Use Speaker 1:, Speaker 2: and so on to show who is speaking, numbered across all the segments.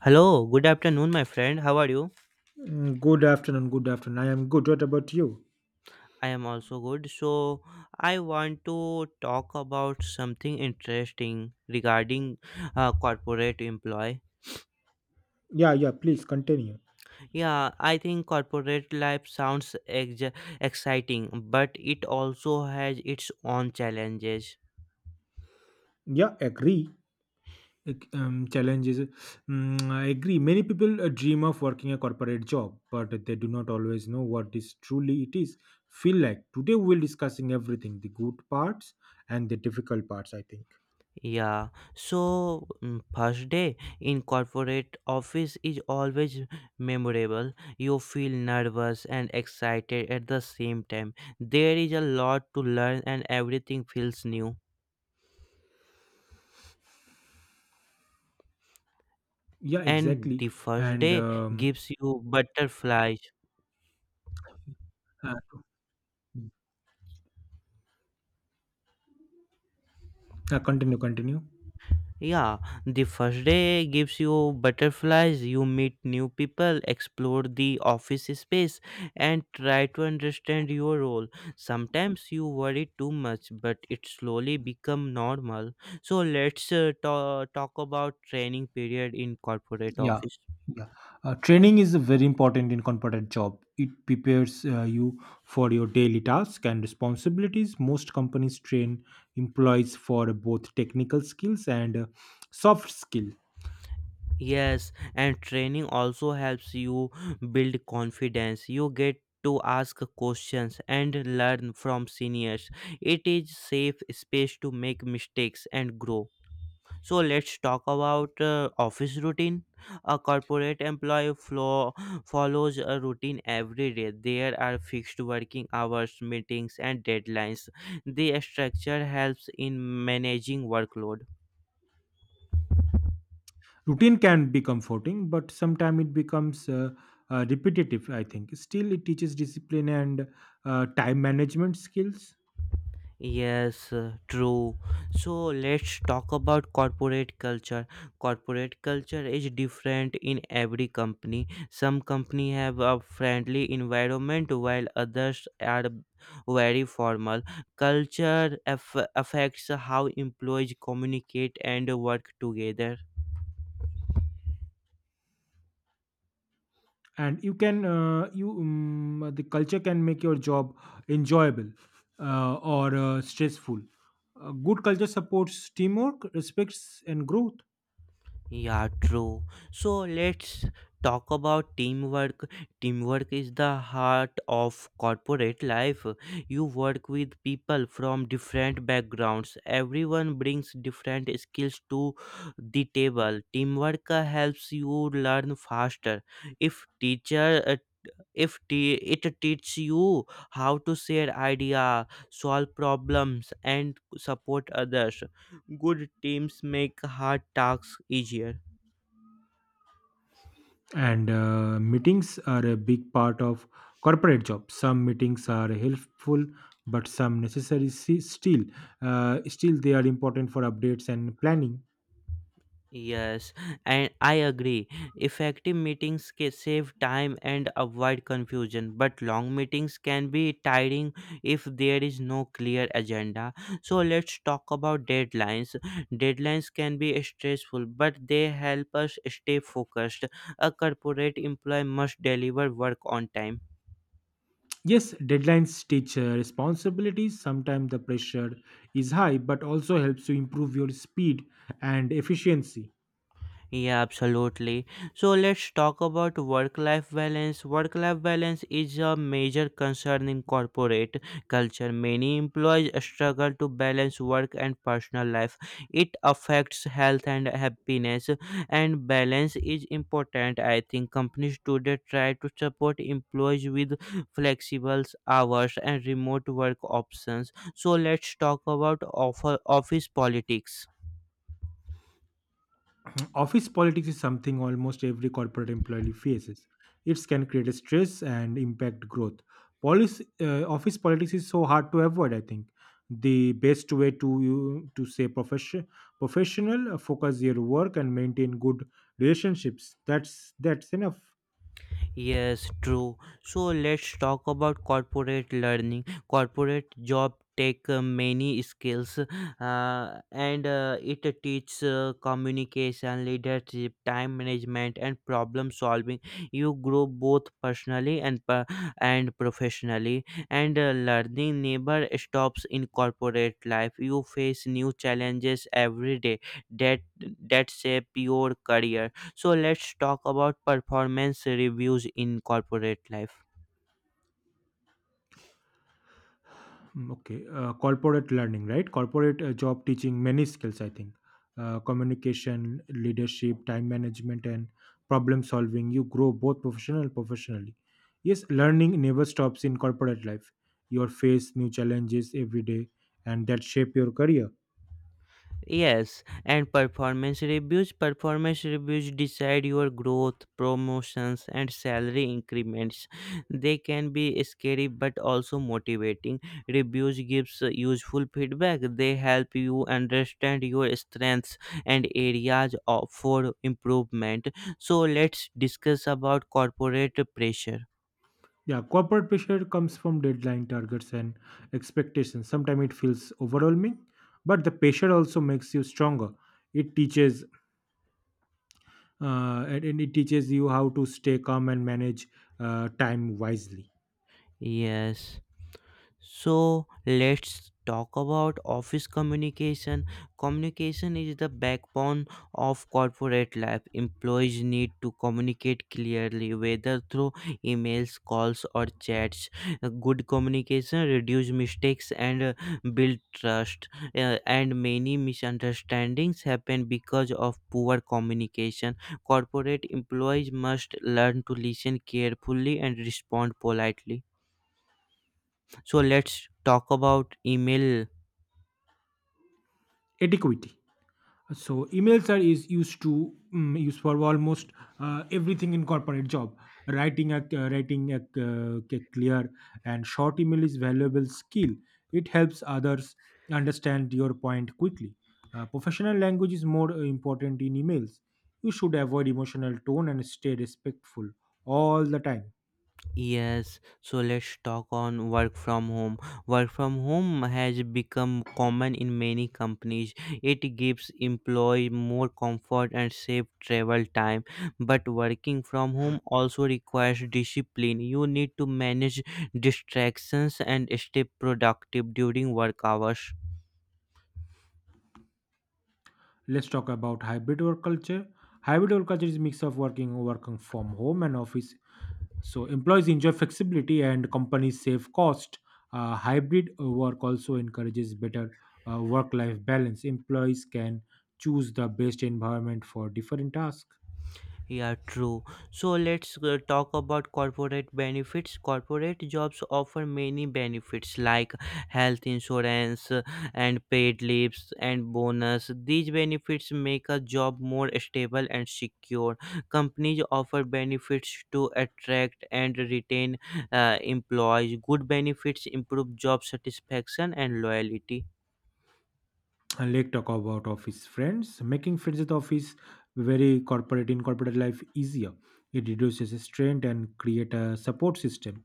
Speaker 1: Hello, good afternoon, my friend. How are you?
Speaker 2: Good afternoon. Good afternoon. I am good. What about you?
Speaker 1: I am also good. I want to talk about something interesting regarding corporate employee.
Speaker 2: Yeah, yeah. Please continue.
Speaker 1: Yeah, I think corporate life sounds exciting, but it also has its own challenges.
Speaker 2: Yeah, agree. Challenges. Mm, I agree. Many people dream of working a corporate job, but they do not always know what is truly it is. Feel like today we will discussing everything: the good parts and the difficult parts. I think.
Speaker 1: Yeah, First day in corporate office is always memorable. You feel nervous and excited at the same time. There is a lot to learn and everything feels new.
Speaker 2: Yeah,
Speaker 1: And
Speaker 2: exactly.
Speaker 1: the first
Speaker 2: And
Speaker 1: day gives you butterflies.
Speaker 2: uh, Continue. Continue.
Speaker 1: Yeah, the first day gives you butterflies. You meet new people, explore the office space, and try to understand your role. Sometimes you worry too much, but it slowly become normal. So let's talk about training period in corporate
Speaker 2: Yeah,
Speaker 1: office.
Speaker 2: yeah. Training is very important in corporate job. It prepares you for your daily tasks and responsibilities. Most companies train employees for both technical skills and soft skill.
Speaker 1: Yes, and training also helps you build confidence. You get to ask questions and learn from seniors. It is safe space to make mistakes and grow. So let's talk about office routine. A corporate employee flow follows a routine every day. There are fixed working hours, meetings and deadlines. The structure helps in managing workload.
Speaker 2: Routine can be comforting, but sometimes it becomes repetitive. I think. Still, it teaches discipline and time management skills.
Speaker 1: Yes, true. So let's talk about corporate culture. Corporate culture is different in every company. Some company have a friendly environment while others are very formal. Culture affects how employees communicate and work together.
Speaker 2: And you can you the culture can make your job enjoyable or stressful. A good culture supports teamwork, respects, and growth.
Speaker 1: Yeah, true. So let's talk about teamwork. Teamwork is the heart of corporate life. You work with people from different backgrounds. Everyone brings different skills to the table. Teamwork helps you learn faster. If teacher if te- It teaches you how to share idea, solve problems and support others. Good teams make hard tasks easier.
Speaker 2: And meetings are a big part of corporate jobs. Some meetings are helpful, but some necessary. Still, still they are important for updates and planning.
Speaker 1: Yes, and I agree. Effective meetings can save time and avoid confusion, but long meetings can be tiring if there is no clear agenda. So let's talk about deadlines. Deadlines can be stressful, but they help us stay focused. A corporate employee must deliver work on time.
Speaker 2: Yes, deadlines teach responsibilities. Sometimes the pressure is high, but also helps to improve your speed and efficiency.
Speaker 1: Yeah, absolutely. So let's talk about work life balance. Work life balance is a major concern in corporate culture. Many employees struggle to balance work and personal life. It affects health and happiness, and balance is important. I think companies today try to support employees with flexible hours and remote work options. So let's talk about offer office politics.
Speaker 2: Office politics is something almost every corporate employee faces. It can create a stress and impact growth. Office politics is so hard to avoid. I think the best way to you to say professional, focus your work and maintain good relationships. That's enough.
Speaker 1: Yes, true. So let's talk about corporate learning. Corporate job take many skills and it teaches communication leadership time management and problem solving. You grow both and professionally, and learning never stops in corporate life. You face new challenges every day that that shape your career. So let's talk about performance reviews in corporate life.
Speaker 2: Okay, corporate learning, right? Corporate job teaching many skills, I think. Communication, leadership, time management, and problem solving. You grow both professional and professionally. Yes, learning never stops in corporate life. You face new challenges every day, and that shape your career.
Speaker 1: Yes, and performance reviews. Performance reviews decide your growth, promotions, and salary increments. They can be scary but also motivating. Reviews gives useful feedback. They help you understand your strengths and for improvement. So let's discuss about corporate pressure.
Speaker 2: Yeah, corporate pressure comes from deadline targets and expectations. Sometimes it feels overwhelming, but the pressure also makes you stronger. It teaches and it teaches you how to stay calm and manage time wisely.
Speaker 1: Yes. So let's talk about office communication. Communication is the backbone of corporate life. Employees need to communicate clearly, whether through emails, calls, or chats. Good communication reduces mistakes and build trust. And many misunderstandings happen because of poor communication. Corporate employees must learn to listen carefully and respond politely. So let's talk about email.
Speaker 2: Adequacy. So emails are is used to used for almost everything in corporate job. Writing a, clear and short email is valuable skill. It helps others understand your point quickly. Professional language is more important in emails. You should avoid emotional tone and stay respectful all the time.
Speaker 1: Yes, so let's talk on work from home. Work from home has become common in many companies. It gives employee more comfort and save travel time, but working from home also requires discipline. You need to manage distractions and stay productive during work hours.
Speaker 2: Let's talk about hybrid work culture. Hybrid work culture is a mix of working from home and office. So employees enjoy flexibility and companies save cost. Hybrid work also encourages better work-life balance. Employees can choose the best environment for different tasks.
Speaker 1: Yeah, true. So let's talk about corporate benefits. Corporate jobs offer many benefits like health insurance and paid leaves and bonus. These benefits make a job more stable and secure. Companies offer benefits to attract and retain employees. Good benefits improve job satisfaction and loyalty.
Speaker 2: And us talk about office friends. Making friends at office very corporate, in corporate life easier. It reduces strain and create a support system,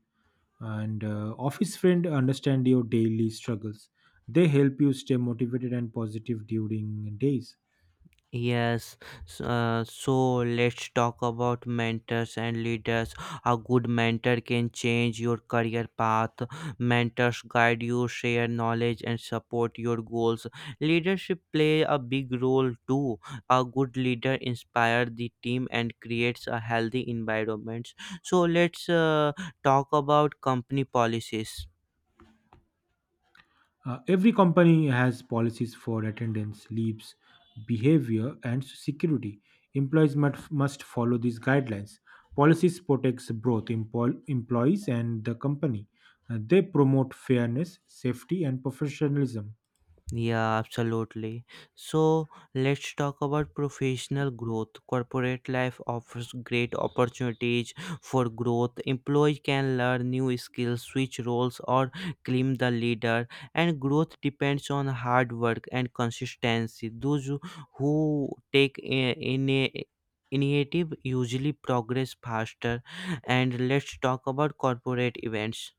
Speaker 2: and office friend understand your daily struggles. They help you stay motivated and positive during days.
Speaker 1: Yes, so let's talk about mentors and leaders. A good mentor can change your career path. Mentors guide you, share knowledge, and support your goals. Leadership play a big role too. A good leader inspires the team and creates a healthy environment. So let's talk about company policies.
Speaker 2: Every company has policies for attendance, leaves, behavior, and security. Employees must follow these guidelines. Policies protects both employees and the company. They promote fairness, safety, and professionalism.
Speaker 1: Yeah, absolutely. So let's talk about professional growth. Corporate life offers great opportunities for growth. Employees can learn new skills, switch roles, or claim the leader. And growth depends on hard work and consistency. Those who take a- in a Initiative usually progress faster. And let's talk about corporate events.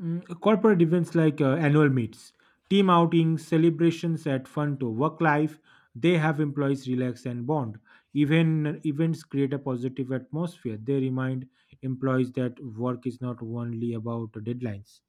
Speaker 2: Mm, corporate events like annual meets, team outings, celebrations at fun to work life, they have employees relax and bond. Even events create a positive atmosphere. They remind employees that work is not only about deadlines.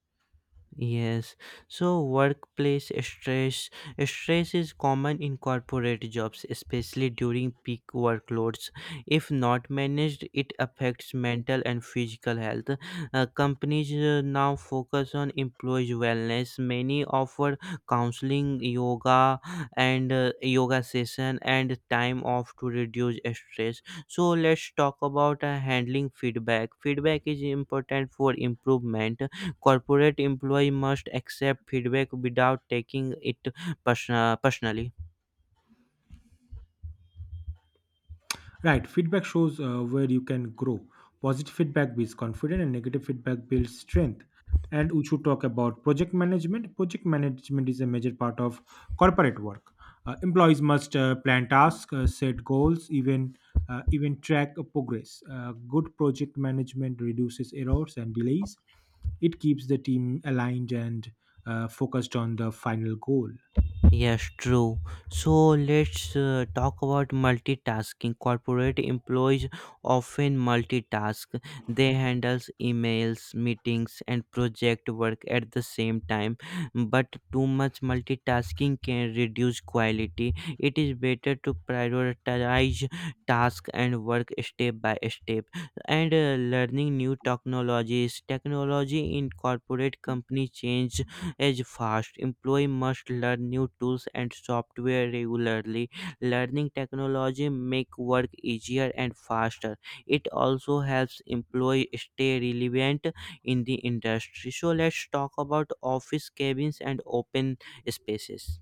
Speaker 1: Yes, so workplace stress is common in corporate jobs, especially during peak workloads. If not managed, it affects mental and physical health. Companies now focus on employees' wellness. Many offer counseling, yoga session and time off to reduce stress. So let's talk about handling feedback. Feedback is important for improvement. Corporate employee must accept feedback without taking it personally.
Speaker 2: Right, feedback shows where you can grow. Positive feedback builds confidence, and negative feedback builds strength. And we should talk about project management. Project management is a major part of corporate work. Employees must plan tasks, set goals, even track progress. Good project management reduces errors and delays. It keeps the team aligned and focused on the final goal.
Speaker 1: Yes, true. So let's talk about multitasking. Corporate employees often multitask. They handles emails, meetings, and project work at the same time. But too much multitasking can reduce quality. It is better to prioritize task and work step by step. And learning new technologies. Technology in corporate company change is fast. Employee must learn new tools and software regularly. Learning technology make work easier and faster. It also helps employee stay relevant in the industry. So let's talk about office cabins and open spaces.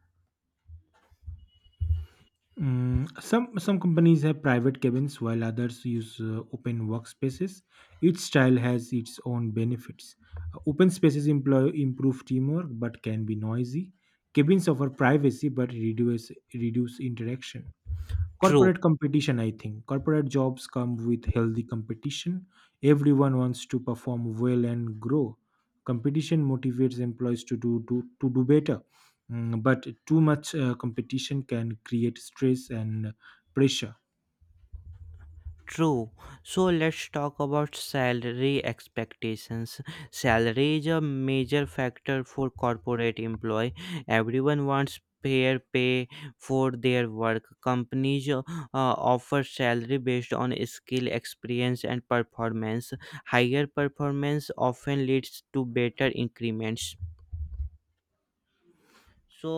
Speaker 2: Mm, some companies have private cabins while others use open workspaces. Each style has its own benefits. Open spaces improve teamwork but can be noisy. Cabins offer privacy but reduce interaction.
Speaker 1: True.
Speaker 2: Corporate competition, I think corporate jobs come with healthy competition. Everyone wants to perform well and grow. Competition motivates employees to do better. Mm, but too much competition can create stress and pressure.
Speaker 1: True. So let's talk about salary expectations. Salary is a major factor for corporate employee. Everyone wants fair pay for their work. Companies offer salary based on skill, experience, and performance. Higher performance often leads to better increments. So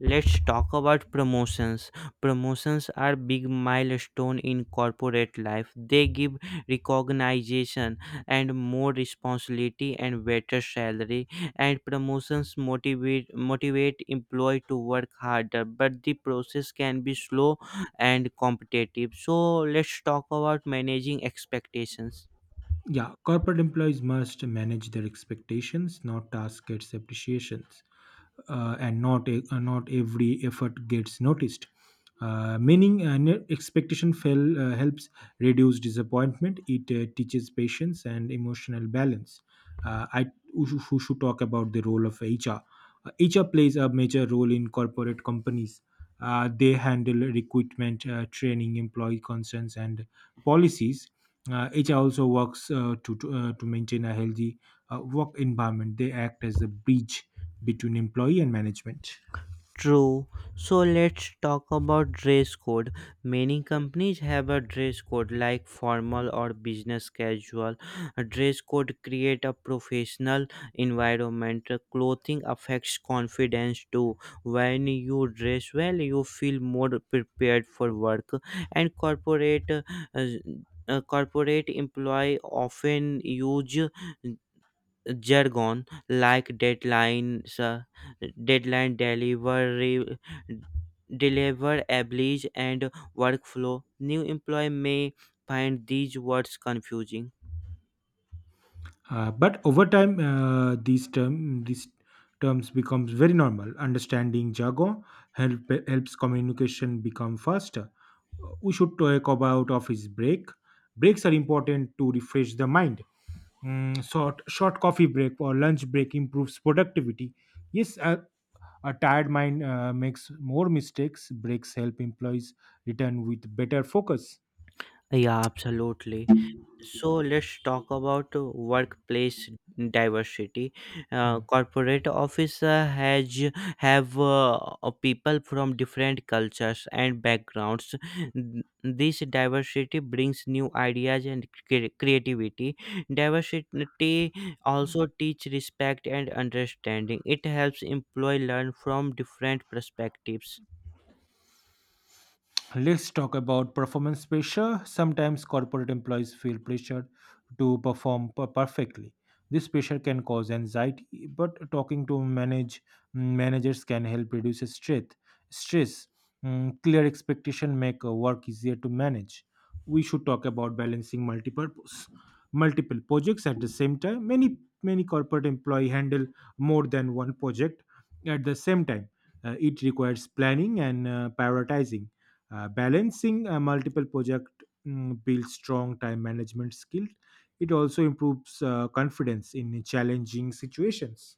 Speaker 1: let's talk about promotions. Promotions are big milestone in corporate life. They give recognition and more responsibility and better salary. And promotions motivate employee to work harder, but the process can be slow and competitive. So let's talk about managing expectations.
Speaker 2: Yeah, corporate employees must manage their expectations, not task gets appreciations, and not every effort gets noticed. Expectation fell helps reduce disappointment. It teaches patience and emotional balance. I we should talk about the role of HR. HR plays a major role in corporate companies. They handle recruitment, training, employee concerns, and policies. It also works to maintain a healthy work environment. They act as a bridge between employee and management.
Speaker 1: True. So let's talk about dress code. Many companies have a dress code like formal or business casual. A dress code create a professional environment. Clothing affects confidence too. When you dress well, you feel more prepared for work. And corporate employee often use jargon like deadline delivery, deliver abilities, and workflow. New employee may find these words confusing.
Speaker 2: But over time, these terms becomes very normal. Understanding jargon help, helps communication become faster. We should talk about office break. Breaks are important to refresh the mind. Mm, short coffee break or lunch break improves productivity. Yes, a tired mind makes more mistakes. Breaks help employees return with better focus.
Speaker 1: Yeah, absolutely. So let's talk about workplace diversity.
Speaker 2: Hmm.
Speaker 1: Corporate office has have people from different cultures and backgrounds. N- This diversity brings new ideas and creativity. Diversity also teach respect and understanding. It helps employee learn from different perspectives.
Speaker 2: Let's talk about performance pressure. Sometimes corporate employees feel pressured to perform perfectly. This pressure can cause anxiety, but talking to managers can help reduce stress. Stress, Mm, clear expectation make work easier to manage. We should talk about balancing multiple projects at the same time. Many corporate employee handle more than one project at the same time. It requires planning and prioritizing. Balancing multiple project mm, builds strong time management skills. It also improves confidence in challenging situations.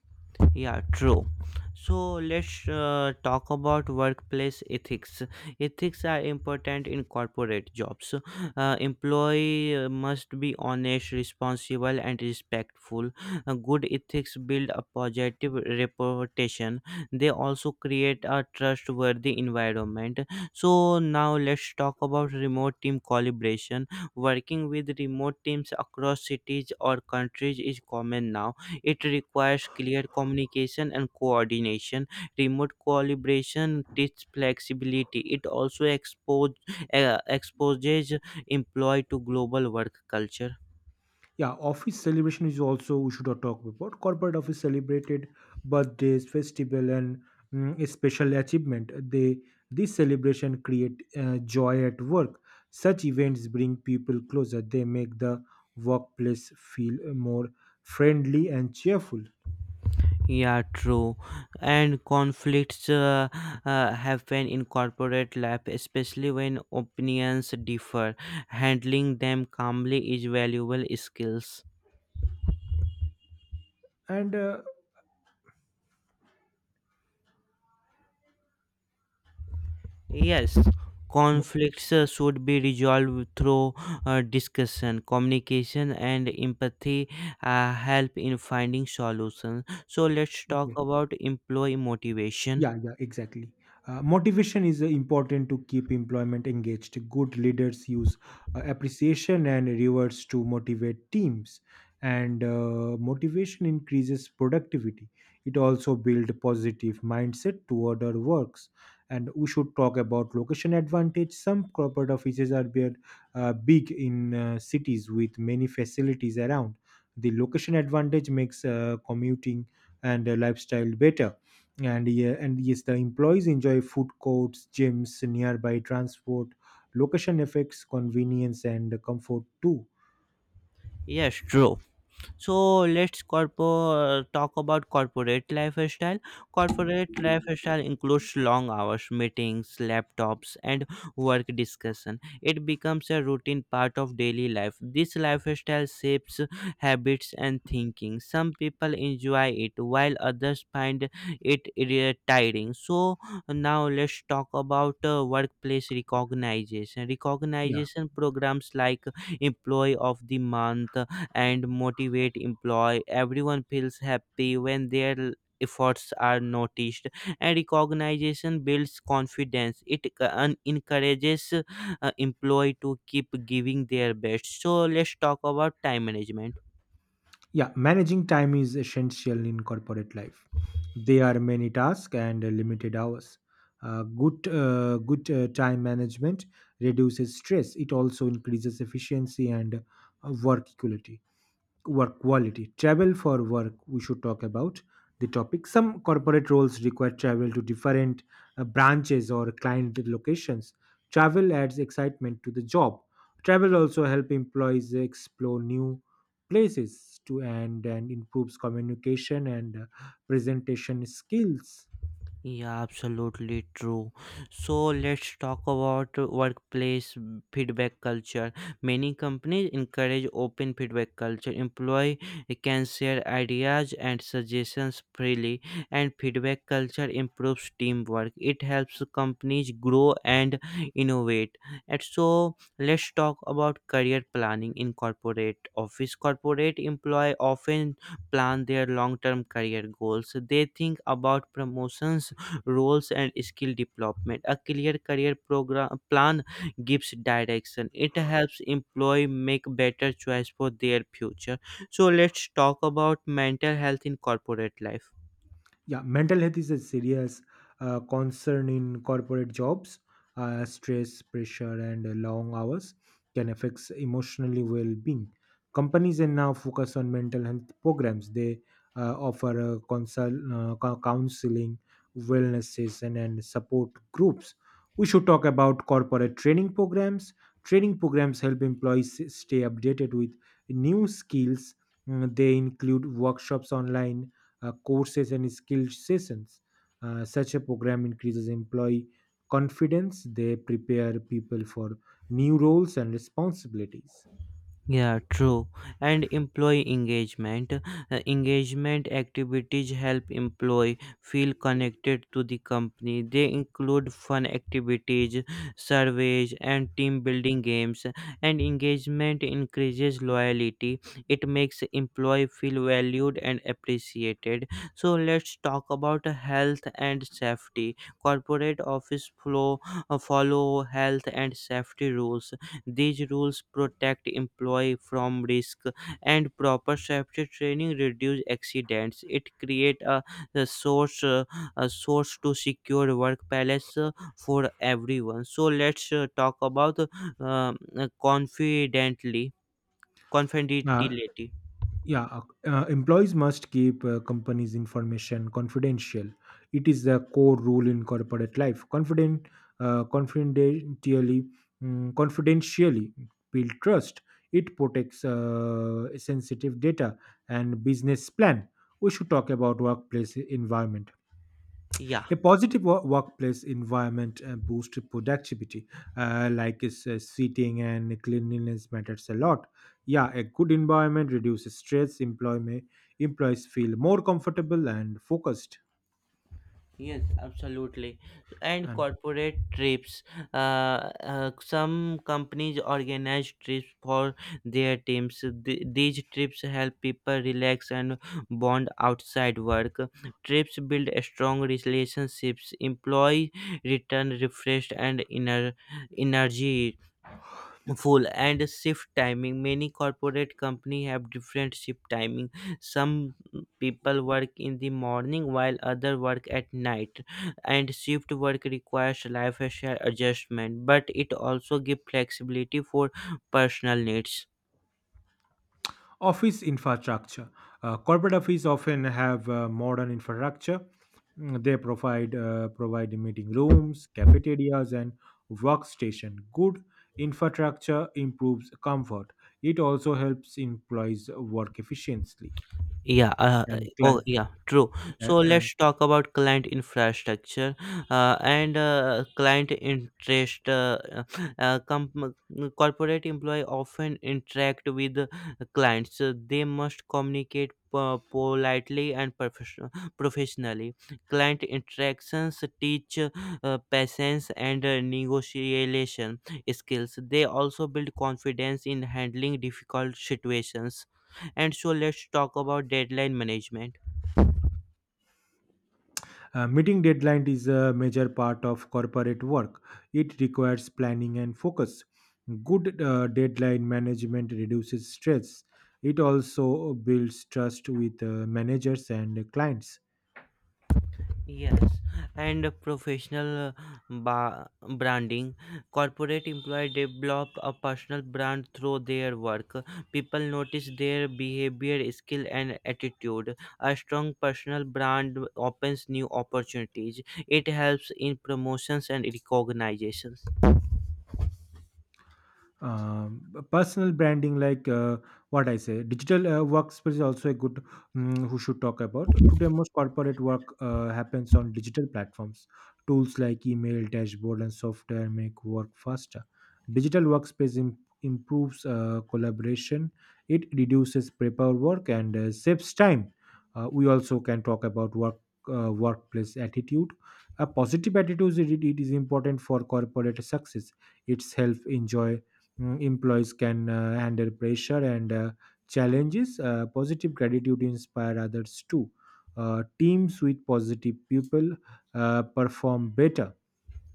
Speaker 1: Yeah, true. So let's talk about workplace ethics. Ethics are important in corporate jobs. Employee must be honest, responsible, and respectful. Good ethics build a positive reputation. They also create a trustworthy environment. So now let's talk about remote team collaboration. Working with remote teams across cities or countries is common now. It requires clear communication and coordination. Remote collaboration teaches flexibility. It also exposes employee to global work culture.
Speaker 2: Yeah, office celebration is also we should not talk about. Corporate office celebrated birthdays, festival, and mm, a special achievement. They this celebration create joy at work. Such events bring people closer. They make the workplace feel more friendly and cheerful.
Speaker 1: Yeah, true. And conflicts happen in corporate life, especially when opinions differ. Handling them calmly is valuable skills.
Speaker 2: And uh,
Speaker 1: Yes,
Speaker 2: mo-
Speaker 1: conflicts should be resolved through discussion, communication, and empathy help in finding solutions. So let's talk
Speaker 2: okay.
Speaker 1: about employee motivation.
Speaker 2: Yeah, yeah, exactly. Motivation is important to keep employment engaged. Good leaders use appreciation and rewards to motivate teams, and motivation increases productivity. It also builds positive mindset toward our works. And we should talk about location advantage. Some corporate offices are big, big in cities with many facilities around. The location advantage makes commuting and lifestyle better. And yes, the employees enjoy food courts, gyms, nearby transport. Location effects convenience and comfort too.
Speaker 1: Yes, true. So let's talk about corporate lifestyle. Corporate lifestyle includes long hours, meetings, laptops, and work discussion. It becomes a routine part of daily life. This lifestyle shapes habits and thinking. Some people enjoy it while others find it tiring. So now let's talk about workplace recognition.
Speaker 2: yeah
Speaker 1: Recognition programs like employee of the month and motivate employee. Everyone feels happy when their efforts are noticed, and recognition builds confidence. It encourages employee to keep giving their best. So let's talk about time management.
Speaker 2: yeah, managing time is essential in corporate life. There are many tasks and limited hours. Good time management reduces stress. It also increases efficiency and work equality, work quality. Travel for work, we should talk about the topic. Some corporate roles require travel to different branches or client locations. Travel adds excitement to the job. Travel also help employees explore new places to, and improves communication and presentation skills.
Speaker 1: Yeah, absolutely true. So let's talk about workplace feedback culture. Many companies encourage open feedback culture. Employee can share ideas and suggestions freely, and feedback culture improves teamwork. It helps companies grow and innovate. And so let's talk about career planning in corporate office. Corporate employee often plan their long-term career goals. They think about promotions roles and skill development. A clear career program plan gives direction. It helps employee make better choice for their future. So let's talk about mental health in corporate life.
Speaker 2: Yeah, mental health is a serious concern in corporate jobs. Stress, pressure, and long hours can affect emotionally well-being. Companies are now focus on mental health programs. They offer counseling, wellness session, and support groups. We should talk about corporate training programs. Training programs help employees stay updated with new skills. Mm, they include workshops, online courses, and skill sessions. Such a program increases employee confidence. They prepare people for new roles and responsibilities.
Speaker 1: Yeah, true. And employee engagement. Engagement activities help employee feel connected to the company. They include fun activities, surveys, and team building games. And engagement increases loyalty. It makes employee feel valued and appreciated. So let's talk about health and safety. Corporate office flow follow health and safety rules. These rules protect employee from risk, and proper safety training reduce accidents. It create a source uh, a source to secure work balance for everyone. So let's talk about confidently
Speaker 2: Uh,
Speaker 1: confidentiality.
Speaker 2: yeah, uh, Employees must keep companies' information confidential. It is the core rule in corporate life. Uh, confidentially, Confidentially build trust. It protects sensitive data and business plan. We should talk about workplace environment.
Speaker 1: Yeah.
Speaker 2: A positive workplace environment boosts productivity, seating and cleanliness matters a lot. Yeah, a good environment reduces stress. Employees feel more comfortable and focused.
Speaker 1: Yes, absolutely. So, and
Speaker 2: And
Speaker 1: corporate trips. Some companies organize trips for their teams. These trips help people relax and bond outside work. Trips build strong relationships. Employees return refreshed and inner energy full. And shift timing, many corporate company have different shift timing. Some people work in the morning while other work at night, and shift work requires lifestyle adjustment, but it also gives flexibility for personal needs.
Speaker 2: office infrastructure. Corporate offices often have modern infrastructure. Mm, they provide meeting rooms, cafeterias, and workstation. Good infrastructure improves comfort. It also helps employees work efficiently.
Speaker 1: Yeah,
Speaker 2: And
Speaker 1: oh,
Speaker 2: client
Speaker 1: yeah, true. So
Speaker 2: and
Speaker 1: let's talk about client infrastructure and client interest. Uh, com- Corporate employee often interact with clients. So they must communicate politely and professionally. Client interactions teach patience and negotiation skills. They also build confidence in handling difficult situations. And so let's talk about deadline management.
Speaker 2: Meeting deadline is a major part of corporate work. It requires planning and focus. Good deadline management reduces stress. It also builds trust with managers and clients.
Speaker 1: Yes, and a professional ba- branding. Corporate employees develop a personal brand through their work. People notice their behavior skill and attitude. A strong personal brand opens new opportunities. It helps in promotions and recognitions.
Speaker 2: um, Personal branding, like what I say, digital workspace is also a good mm who should talk about. Today most corporate work happens on digital platforms. Tools like email, dashboard, and software make work faster. Digital workspace improves collaboration. It reduces paper work and saves time. We also can talk about workplace attitude. A positive attitude it is important for corporate success. It's help enjoy. Mm, employees can handle pressure and challenges. Positive gratitude inspire others too. Teams with positive people perform better.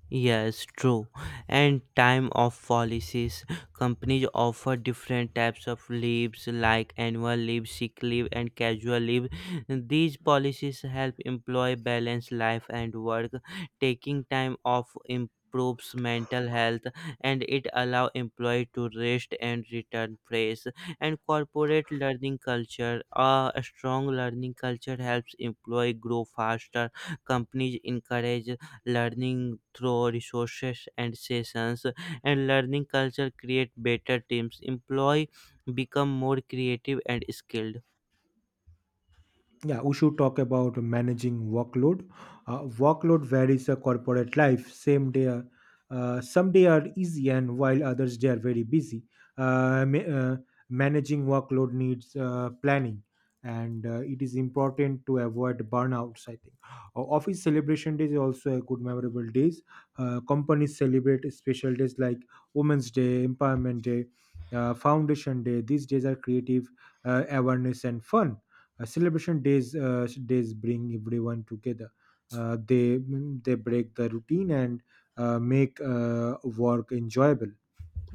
Speaker 1: Yes, true. And time off policies. Companies offer different types of leaves like annual leave, sick leave, and casual leave. These policies help employee balance life and work. Taking time off improves mental health, and it allows employee to rest and return fresh. And corporate learning culture. A strong learning culture helps employee grow faster. Companies encourage learning through resources and sessions, and learning culture create better teams. Employee become more creative and skilled.
Speaker 2: Yeah, we should talk about managing workload. Workload varies a corporate life. Some day are easy, and while others they are very busy. Uh, ma- uh, Managing workload needs planning, and it is important to avoid burnouts. I think office celebration days is also a good memorable days. Companies celebrate special days like Women's Day, Empowerment Day, Foundation Day. These days are creative, awareness, and fun. Celebration days bring everyone together. Uh, they they break the routine and make work enjoyable.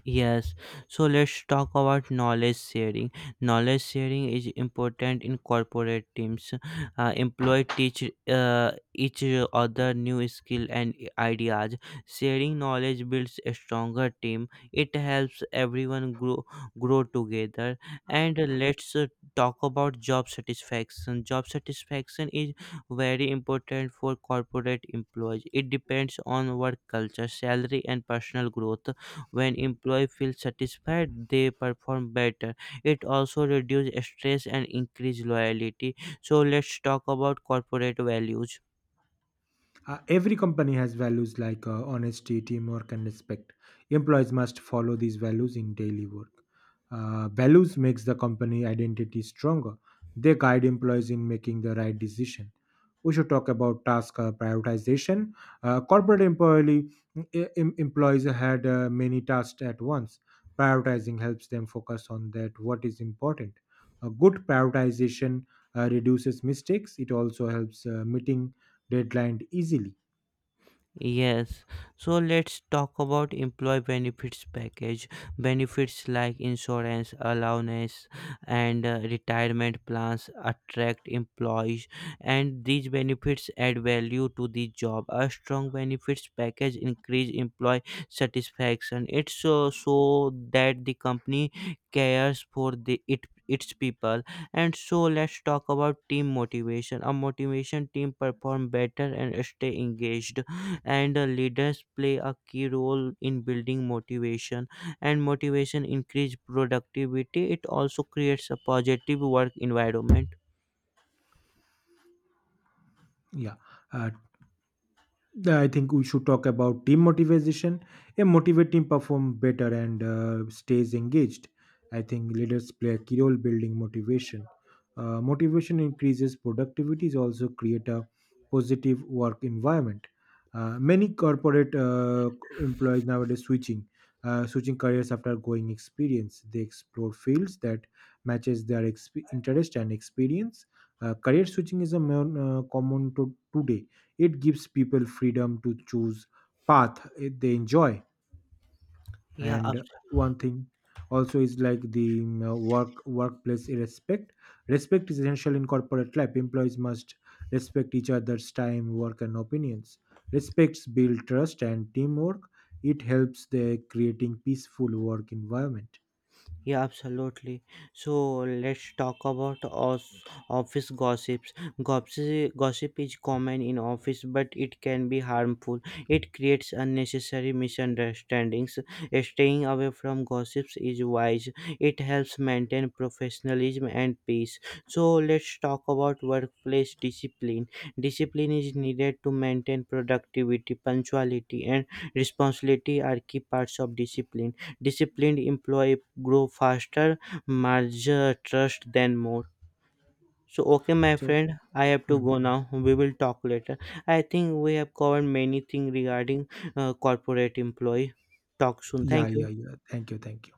Speaker 1: Yes, so let's talk about knowledge sharing. Knowledge sharing is important in corporate teams. Employee teach each other new skill and ideas. Sharing knowledge builds a stronger team. It helps everyone grow together. And let's talk about job satisfaction. Job satisfaction is very important for corporate employees. It depends on work culture, salary, and personal growth. When employees feel satisfied, they perform better. It also reduces stress and increase loyalty. So let's talk about corporate values.
Speaker 2: Every company has values like honesty, teamwork, and respect. Employees must follow these values in daily work. Values makes the company identity stronger. They guide employees in making the right decision. We should talk about task prioritization. Corporate employee e, em- Employees had many tasks at once. Prioritizing helps them focus on that what is important. A good prioritization reduces mistakes. It also helps meeting deadline easily.
Speaker 1: Yes, so let's talk about employee benefits package. Benefits like insurance, allowance, and retirement plans attract employees, and these benefits add value to the job. A strong benefits package increase employee satisfaction. It's so, so that the company cares for the it its people. And so let's talk about team motivation. A motivation team perform better and stay engaged, and leaders play a key role in building motivation, and motivation increase productivity. It also creates a positive work environment.
Speaker 2: yeah uh, Yeah, I think we should talk about team motivation. A motivated team perform better and stays engaged. I think leaders play a key role building motivation. Motivation increases productivity. Is also create a positive work environment. Many corporate employees nowadays switching careers after going experience. They explore fields that matches their interest and experience. Career switching is a common to today. It gives people freedom to choose path eh, they enjoy.
Speaker 1: Yeah.
Speaker 2: And one thing also is like the workplace respect. Respect is essential in corporate life. Employees must respect each other's time, work, and opinions. Respects build trust and teamwork. It helps the creating peaceful work environment.
Speaker 1: Yeah, absolutely. So let's talk about office gossips. Gossip is common in office, but it can be harmful. It creates unnecessary misunderstandings. Staying away from gossips is wise. It helps maintain professionalism and peace. So let's talk about workplace discipline. Discipline is needed to maintain productivity, punctuality, and responsibility are key parts of discipline. Disciplined employee grow faster, merge trust then more. So okay, my
Speaker 2: So,
Speaker 1: friend, I have to
Speaker 2: hmm,
Speaker 1: go now. We will talk later. I think we have covered many things regarding corporate employee. Talk soon,
Speaker 2: yeah,
Speaker 1: thank
Speaker 2: yeah,
Speaker 1: you.
Speaker 2: yeah. Thank you, thank you.